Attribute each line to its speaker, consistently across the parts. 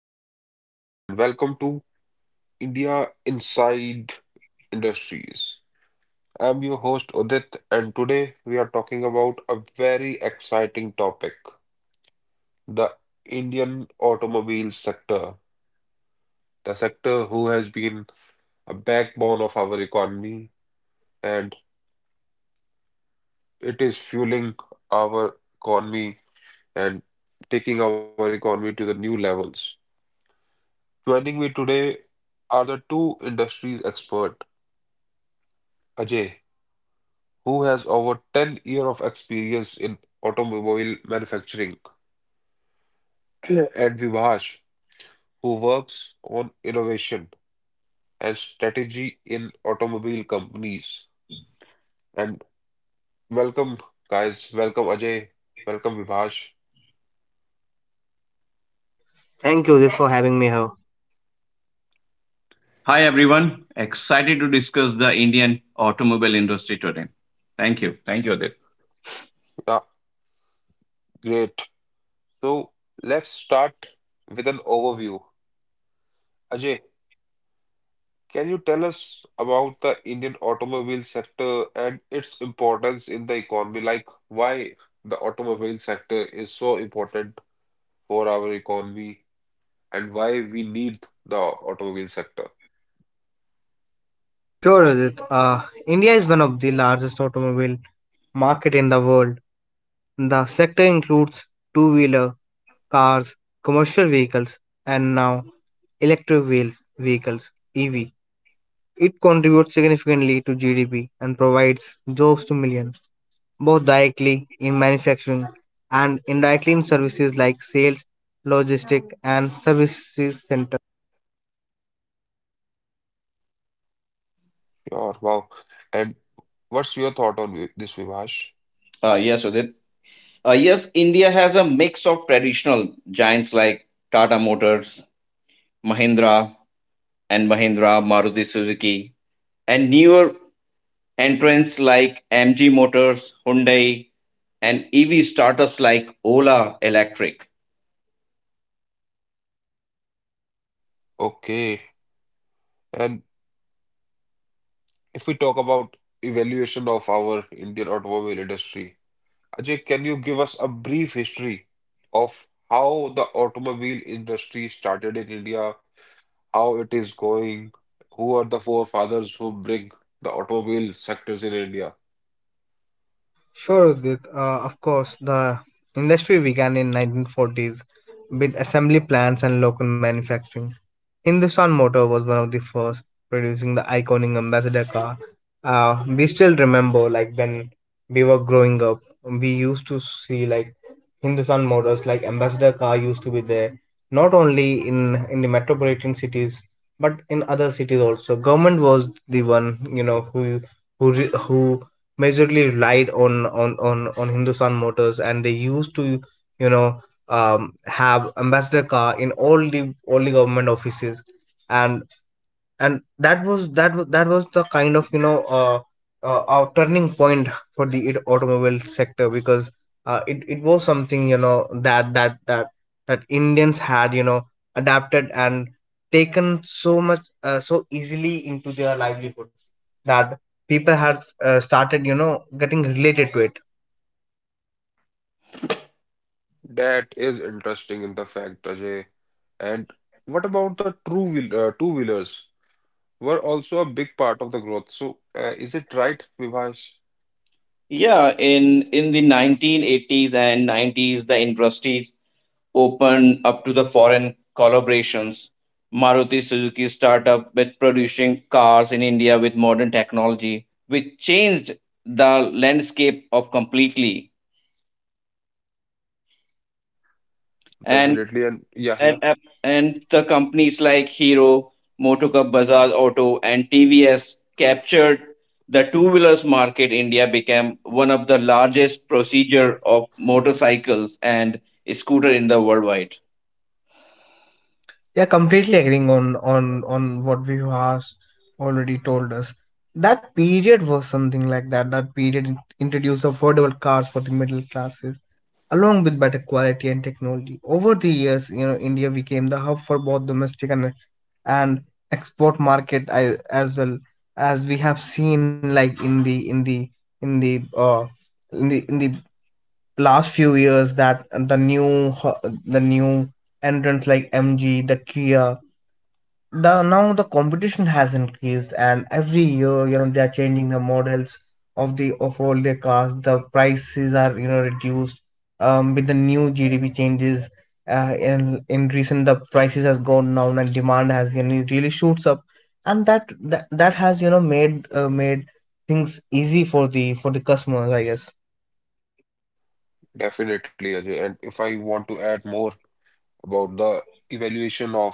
Speaker 1: everyone, and welcome to India Inside Industries. I'm your host Udit, and today we are talking about a very exciting topic, the Indian automobile sector, the sector who has been a backbone of our economy and it is fueling our economy and taking our economy to the new levels. Joining me today are the two industries expert, Ajay, who has over 10 years of experience in automobile manufacturing, and Vibash, who works on innovation and strategy in automobile companies. And welcome, guys. Welcome, Ajay. Welcome, Vibash.
Speaker 2: Thank you, Udit, for having me here.
Speaker 3: Hi everyone, excited to discuss the Indian automobile industry today. Thank you. Thank you, Adit.
Speaker 1: Yeah, great. So let's start with an overview. Ajay, can you tell us about the Indian automobile sector and its importance in the economy? Like, why the automobile sector is so important for our economy and why we need the automobile sector.
Speaker 2: Sure, Udit. India is one of the largest automobile market in the world. The sector includes two-wheeler, cars, commercial vehicles, and now electric vehicles (EV). It contributes significantly to GDP and provides jobs to millions, both directly in manufacturing and indirectly in services like sales, logistics, and services centers.
Speaker 1: Sure, wow. And what's your thought on this, Vivash?
Speaker 3: Yes, Udit. Yes, India has a mix of traditional giants like Tata Motors, Mahindra and Mahindra, Maruti Suzuki, and newer entrants like MG Motors, Hyundai, and EV startups like Ola Electric.
Speaker 1: Okay. And if we talk about evaluation of our Indian automobile industry, Ajay, can you give us a brief history of how the automobile industry started in India, how it is going, who are the forefathers who bring the automobile sectors in India?
Speaker 2: Sure, Udit. Of course, the industry began in 1940s with assembly plants and local manufacturing. Hindustan Motor was one of the first producing the iconic Ambassador car. We still remember, like when we were growing up, we used to see like Hindustan Motors, like Ambassador car used to be there, not only in the metropolitan cities but in other cities also. Government was the one, you know, who majorly relied on Hindustan Motors, and they used to, you know have ambassador car in all the government offices, and that was the kind of, turning point for the automobile sector, because it was something, that Indians had, adapted and taken so much, so easily into their livelihood, that people had, started, getting related to it.
Speaker 1: That is interesting in the fact, Ajay. And what about the true wheel, two-wheelers were also a big part of the growth. So, is it right, Vivash?
Speaker 3: Yeah, in the 1980s and 90s, the industry opened up to the foreign collaborations. Maruti Suzuki startup with producing cars in India with modern technology, which changed the landscape of completely. And
Speaker 1: Definitely, and yeah,
Speaker 3: and
Speaker 1: yeah,
Speaker 3: app- and the companies like Hero, Motor Cup Bajaj, Auto, and TVS captured the two-wheelers market. India became one of the largest procedure of motorcycles and scooter in the worldwide.
Speaker 2: Yeah, completely agreeing on what we has already told us. That period was something like that. That period introduced affordable cars for the middle classes, along with better quality and technology. Over the years, you know, India became the hub for both domestic and and
Speaker 3: Mm-hmm.
Speaker 2: export market, as well as we have seen, like in the in the in the in the in the last few years, that the new entrants like MG, the Kia, the Now the competition has increased and every year, you know, they are changing the models of the of all their cars. The prices are, reduced with the new GDP changes. In recent, the prices has gone down and demand has, really shoots up, and that has, you know, made things easy for the customers, I guess.
Speaker 1: definitely, Ajay. And if I want to add more about the evaluation of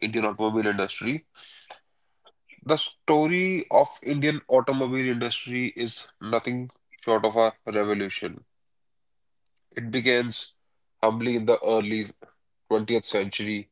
Speaker 1: Indian automobile industry, the story of Indian automobile industry is nothing short of a revolution. It begins humbly in the early 20th century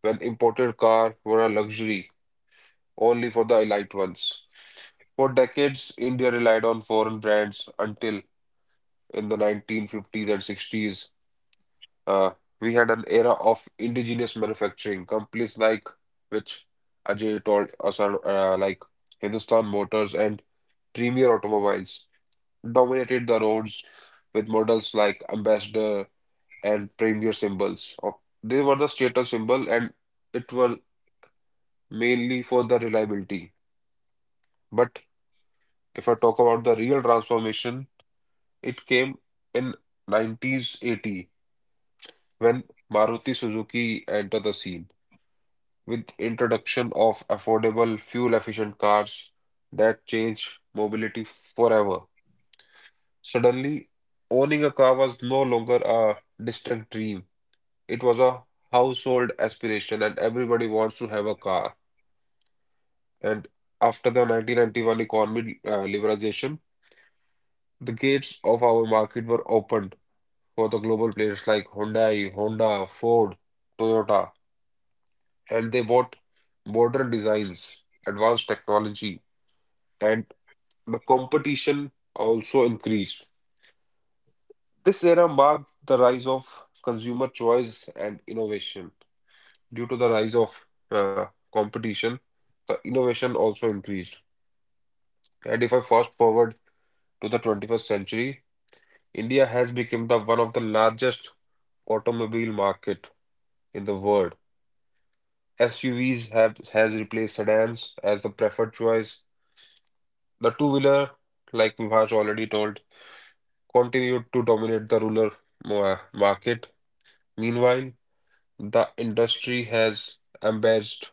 Speaker 1: when imported cars were a luxury only for the elite ones. For decades, India relied on foreign brands until in the 1950s and 60s, uh, we had an era of indigenous manufacturing. Companies like which Ajay told us are like Hindustan Motors and Premier Automobiles dominated the roads with models like Ambassador and Premier symbols. Of- they were the status symbol and it was mainly for the reliability. But if I talk about the real transformation, it came in 1980 when Maruti Suzuki entered the scene with introduction of affordable fuel-efficient cars that changed mobility forever. Suddenly, owning a car was no longer a distant dream. It was a household aspiration and everybody wants to have a car. And after the 1991 economy liberalization, the gates of our market were opened for the global players like Hyundai, Honda, Ford, Toyota, and they bought modern designs, advanced technology, and the competition also increased. This era marked the rise of consumer choice and innovation. Due to the rise of competition, the innovation also increased. And if I fast forward to the 21st century, India has become the one of the largest automobile market in the world. SUVs have has replaced sedans as the preferred choice. The two-wheeler, like Vibhash already told, continued to dominate the rural market. Meanwhile, the industry has embraced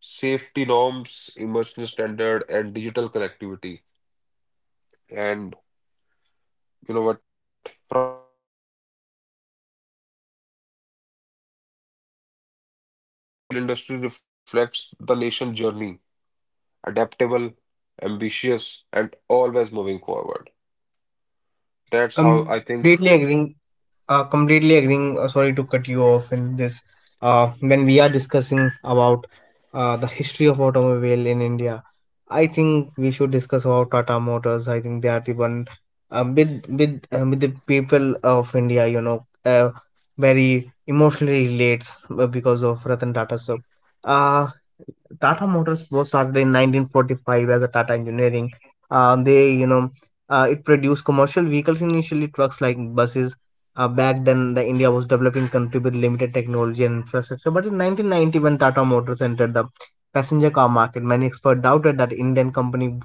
Speaker 1: safety norms, emission standard, and digital connectivity. And you know what?
Speaker 4: Industry reflects the nation's journey, adaptable, ambitious, and always moving forward. That's how I
Speaker 2: completely
Speaker 4: think
Speaker 2: agreeing uh, completely agreeing Sorry to cut you off in this. When we are discussing about, the history of automobile in India, I think we should discuss about Tata Motors. I think they are the one, uh, with with the people of India, uh, very emotionally relates, because of Ratan Tata. So uh, Tata Motors was started in 1945 as a Tata Engineering. They you know It produced commercial vehicles, initially trucks like buses. Back then the India was developing country with limited technology and infrastructure, but in 1990, when Tata Motors entered the passenger car market, many experts doubted that Indian company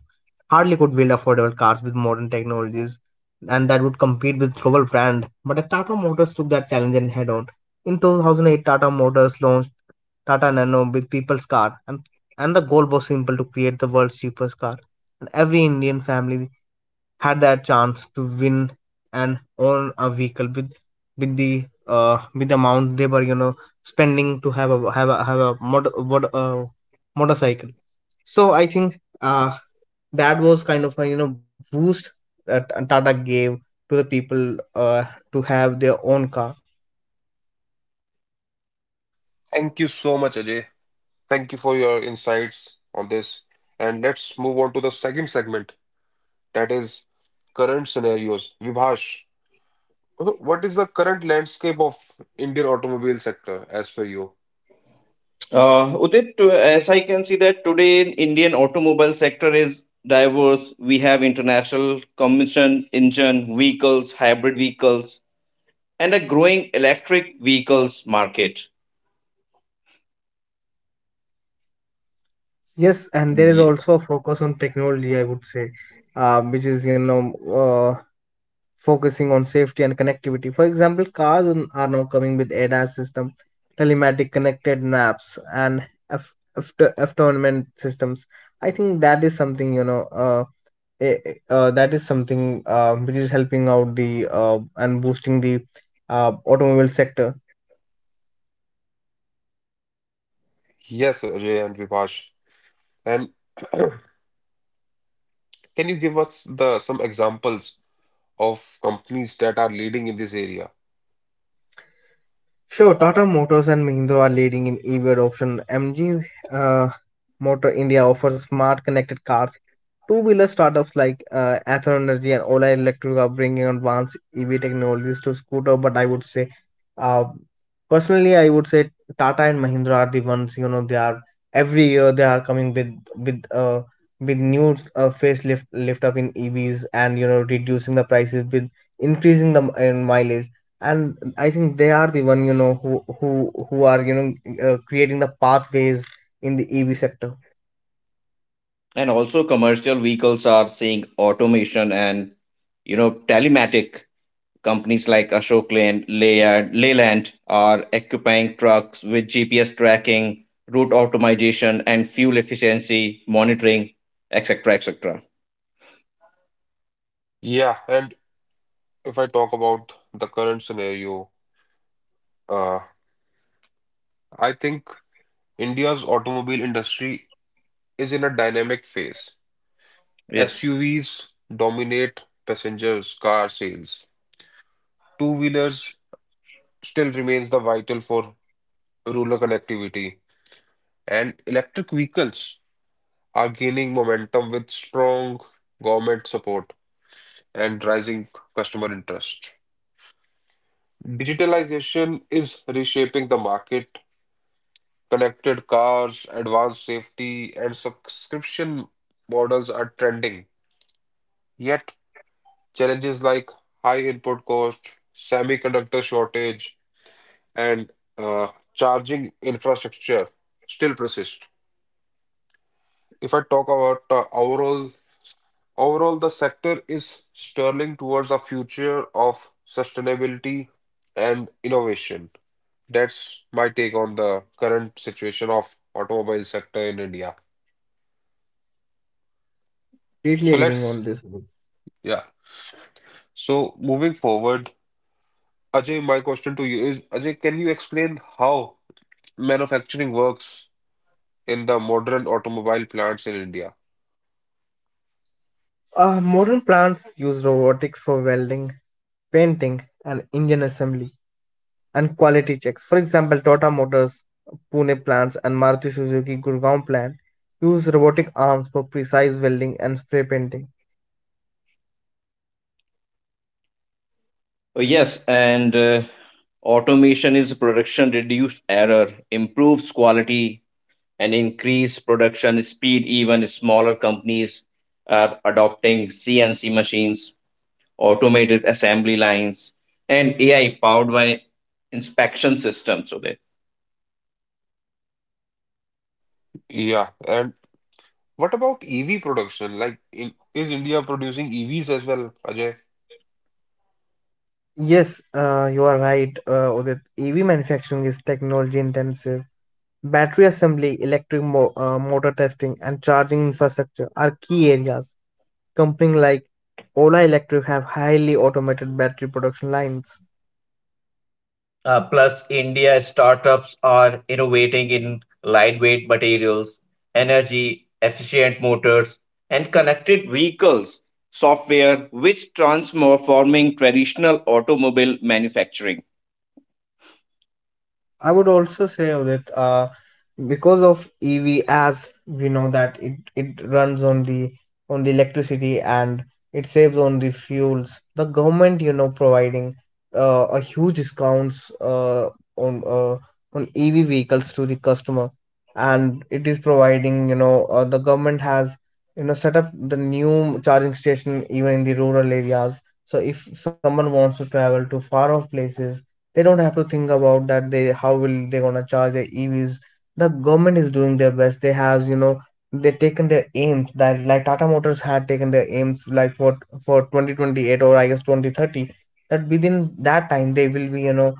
Speaker 2: hardly could build affordable cars with modern technologies and that would compete with global brand. But the Tata Motors took that challenge and head on. In 2008, Tata Motors launched Tata Nano with people's car, and the goal was simple: to create the world's cheapest car, and every Indian family had that chance to win and own a vehicle with the amount they were, spending to have a motorcycle. So I think, that was kind of a, boost that Tata gave to the people, to have their own car.
Speaker 5: Thank you so much, Ajay. Thank you for your insights on this. And let's move on to the second segment, that is current scenarios. Vibhash, what is the current landscape of Indian automobile sector as per you?
Speaker 3: Udit, as I can see that today in Indian automobile sector is diverse. We have international combustion engine vehicles, hybrid vehicles, and a growing electric vehicles market.
Speaker 2: Yes, and there is
Speaker 5: Ye-
Speaker 2: also a focus on technology, I would say, which is, uh. focusing on safety and connectivity. For example, cars are now coming with ADAS system, telematic connected maps, and F- F- autonomous systems. I think that is something, you know. That is something, which is helping out the, and boosting the, automobile sector.
Speaker 5: Yes, Ajay and Vibhash. And can you give us the some examples of companies that are leading in this area?
Speaker 2: Sure, Tata Motors and Mahindra are leading in EV adoption. MG, uh, Motor India offers smart connected cars. Two-wheeler startups like, Aether Energy and Ola Electric are bringing advanced EV technologies to scooter. But I would say, uh, personally, I would say Tata and Mahindra are the ones. You know, they are every year they are coming with new, facelift lift up in EVs, and, reducing the prices with increasing the in mileage, and I think they are the one, who who are, creating the pathways in the EV sector.
Speaker 3: And also commercial vehicles are seeing automation and you know telematic companies like Ashok Leyland, Leyland are equipping trucks with GPS tracking, route optimization, and fuel efficiency monitoring, etc., etc.
Speaker 5: Yeah, and if I talk about the current scenario, uh, I think India's automobile industry is in a dynamic phase.
Speaker 3: Yes.
Speaker 5: SUVs dominate passengers car sales. Two-wheelers still remains the vital for rural connectivity, and electric vehicles are gaining momentum with strong government support and rising customer interest. Digitalization is reshaping the market. Connected cars, advanced safety, and subscription models are trending. Yet challenges like high input cost, semiconductor shortage, and charging infrastructure still persist. If I talk about overall Overall, the sector is sterling towards a future of sustainability and innovation. That's my take on the current situation of automobile sector in India.
Speaker 2: Completely
Speaker 5: So
Speaker 2: agreeing on
Speaker 5: let's,
Speaker 2: this.
Speaker 5: yeah. So moving forward, Ajay, my question to you is, Ajay, can you explain how manufacturing works in the modern automobile plants in India.
Speaker 2: Modern plants use robotics for welding, painting, and engine assembly and quality checks. For example, Tata Motors Pune plants and Maruti Suzuki Gurgaon plant use robotic arms for precise welding and spray painting.
Speaker 3: Oh, yes, and automation is production reduced error, improves quality, and increase production speed. Even smaller companies are adopting CNC machines automated assembly lines, and AI powered by inspection systems. Sudhir.
Speaker 5: Yeah, and what about EV production? Like, is India producing EVs as well, Ajay?
Speaker 2: Yes, you are right, Udit. EV manufacturing is technology intensive. Battery assembly, electric motor testing, and charging infrastructure are key areas. Companies like Ola Electric have highly automated battery production lines.
Speaker 3: Plus, India startups are innovating in lightweight materials, energy efficient motors, and connected. Vehicles software which transforming traditional automobile manufacturing.
Speaker 2: I would also say that, because of EV, as we know that, it runs on the electricity, and it saves on the fuels. The government, you know, providing, a huge discounts, on uh, on EV vehicles to the customer, and it is providing, you know, the government has, set up the new charging station even in the rural areas. So if someone wants to travel to far off places, they don't have to think about that they how will they gonna charge their EVs. The government is doing their best. They has, they taken their aims, that like Tata Motors had taken their aims, like for 2028, or I guess 2030, that within that time they will be, you know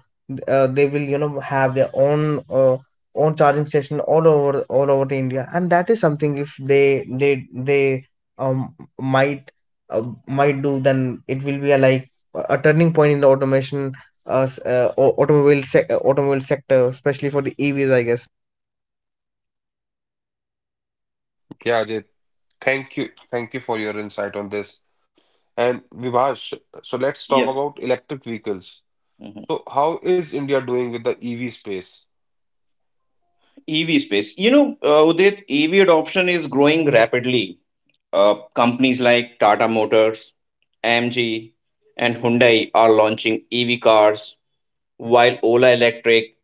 Speaker 2: uh, they will, have their own, own charging station all over the India, and that is something, if they they um might might do, then it will be a turning point in the automation, automobile sector, especially for the EVs, I guess.
Speaker 5: Yeah, Ajay, thank you. Thank you for your insight on this. And Vivash, so let's talk
Speaker 3: Yes.
Speaker 5: about electric vehicles.
Speaker 3: Mhm.
Speaker 5: So, how is India doing with the EV space?
Speaker 3: EV space. You know, Udit, EV adoption is growing rapidly. Companies like Tata Motors, AMG, and Hyundai are launching EV cars, while Ola Electric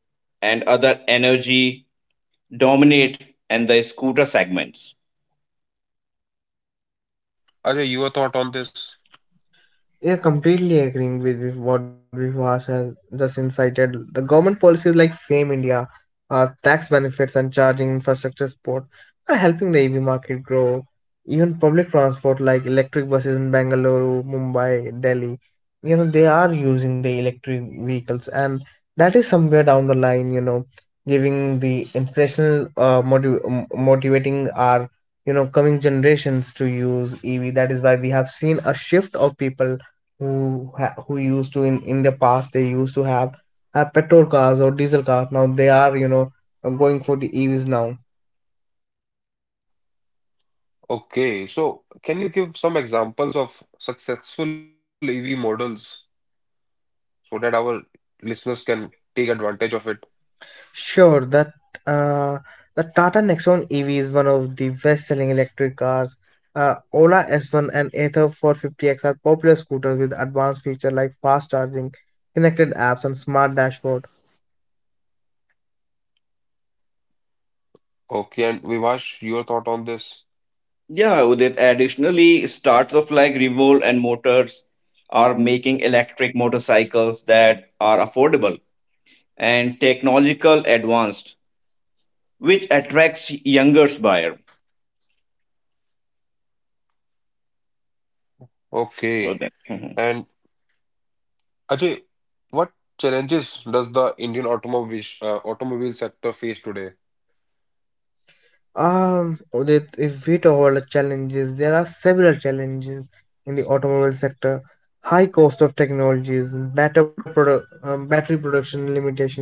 Speaker 3: and other energy dominate in the scooter segments.
Speaker 5: Ajay, your thought on this?
Speaker 2: Yeah, completely agreeing with what Vivash has just incited. The government policies like Fame India, tax benefits and charging infrastructure support are helping the EV market grow. Even public transport like electric buses in Bangalore, Mumbai, Delhi, you know, they are using the electric vehicles, and that is somewhere down the line, you know, giving the inflational, motivating our, coming generations to use EV. That is why we have seen a shift of people who used to, in the past, they used to have, petrol cars or diesel cars. Now they are, going for the EVs now.
Speaker 5: Okay, so can you give some examples of successful EV models so that our listeners can take advantage of it?
Speaker 2: Sure, that uh the Tata Nexon EV is one of the best selling electric cars. Uh, Ola S1 and Ather 450X are popular scooters with advanced features like fast charging, connected apps, and smart dashboard.
Speaker 5: Okay, and Vivash, your thought on this?
Speaker 3: Yeah, Udit, additionally, starts of like Revolve and Motors are making electric motorcycles that are affordable and technological advanced, which attracts younger buyer.
Speaker 5: Okay,
Speaker 3: Udit.
Speaker 5: and Ajay, what challenges does the Indian automobile automobile sector face today?
Speaker 2: Udit, if we talk about the challenges, there are several challenges in the automobile sector. High cost of technologies, battery production limitation,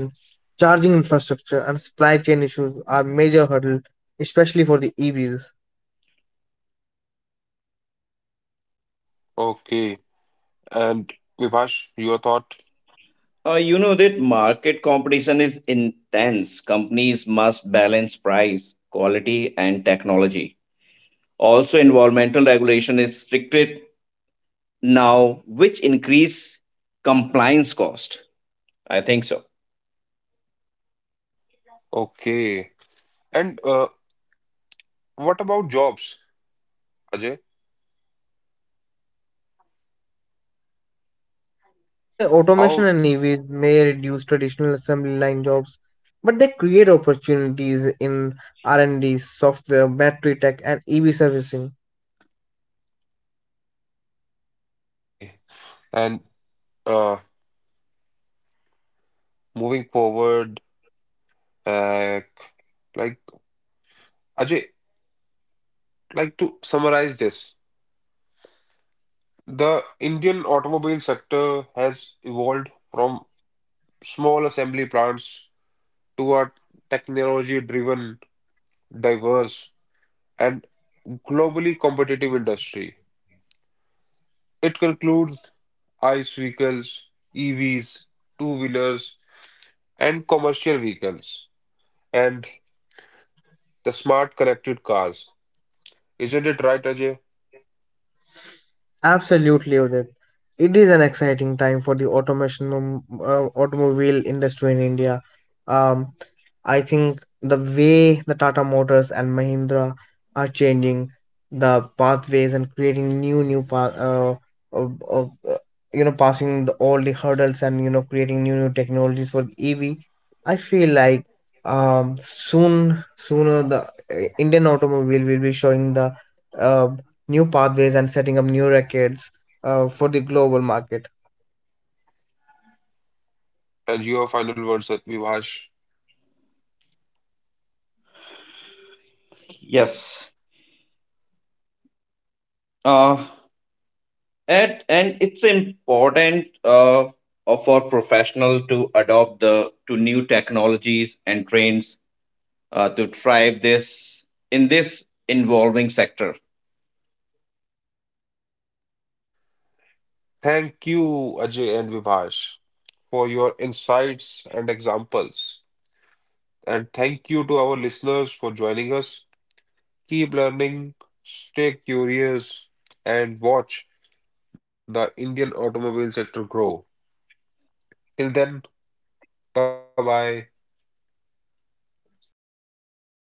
Speaker 2: charging infrastructure, and supply chain issues are major hurdle, especially for the EVs.
Speaker 5: Okay, and Vivash, your thought?
Speaker 3: You know that market competition is intense. Companies must balance price, quality, and technology. Also, environmental regulation is stricter now, which increase compliance cost. I think so.
Speaker 5: Okay, and what about jobs, Ajay?
Speaker 2: I would say automation
Speaker 5: How?
Speaker 2: and EVs may reduce traditional assembly line jobs, but they create opportunities in R&D, software, battery tech, and EV servicing.
Speaker 5: Okay, and uh, moving forward, uh, like Ajay, like to summarize this, the Indian automobile sector has evolved from small assembly plants to a technology-driven, diverse, and globally competitive industry. It concludes ICE vehicles, EVs, two-wheelers, and commercial vehicles, and the smart connected cars. Isn't it right, Ajay?
Speaker 2: Absolutely, Udit. It is an exciting time for the automobile industry in India. Um, I think the way the Tata Motors and Mahindra are changing the pathways and creating new path, of, of, uh, passing all the hurdles and, creating new technologies for the EV. I feel like, sooner the, Indian automobile will be showing the, uh new pathways and setting up new records, for the global market.
Speaker 5: And your final words, Vivash.
Speaker 3: Yes. Uh, and it's important for professional to adopt the to new technologies and trends to thrive this in this involving sector.
Speaker 5: Thank you, Ajay and Vivash, for your insights and examples. And thank you to our listeners for joining us. Keep learning, stay curious, and watch the Indian automobile sector grow. Till then, bye bye.
Speaker 3: Thank you,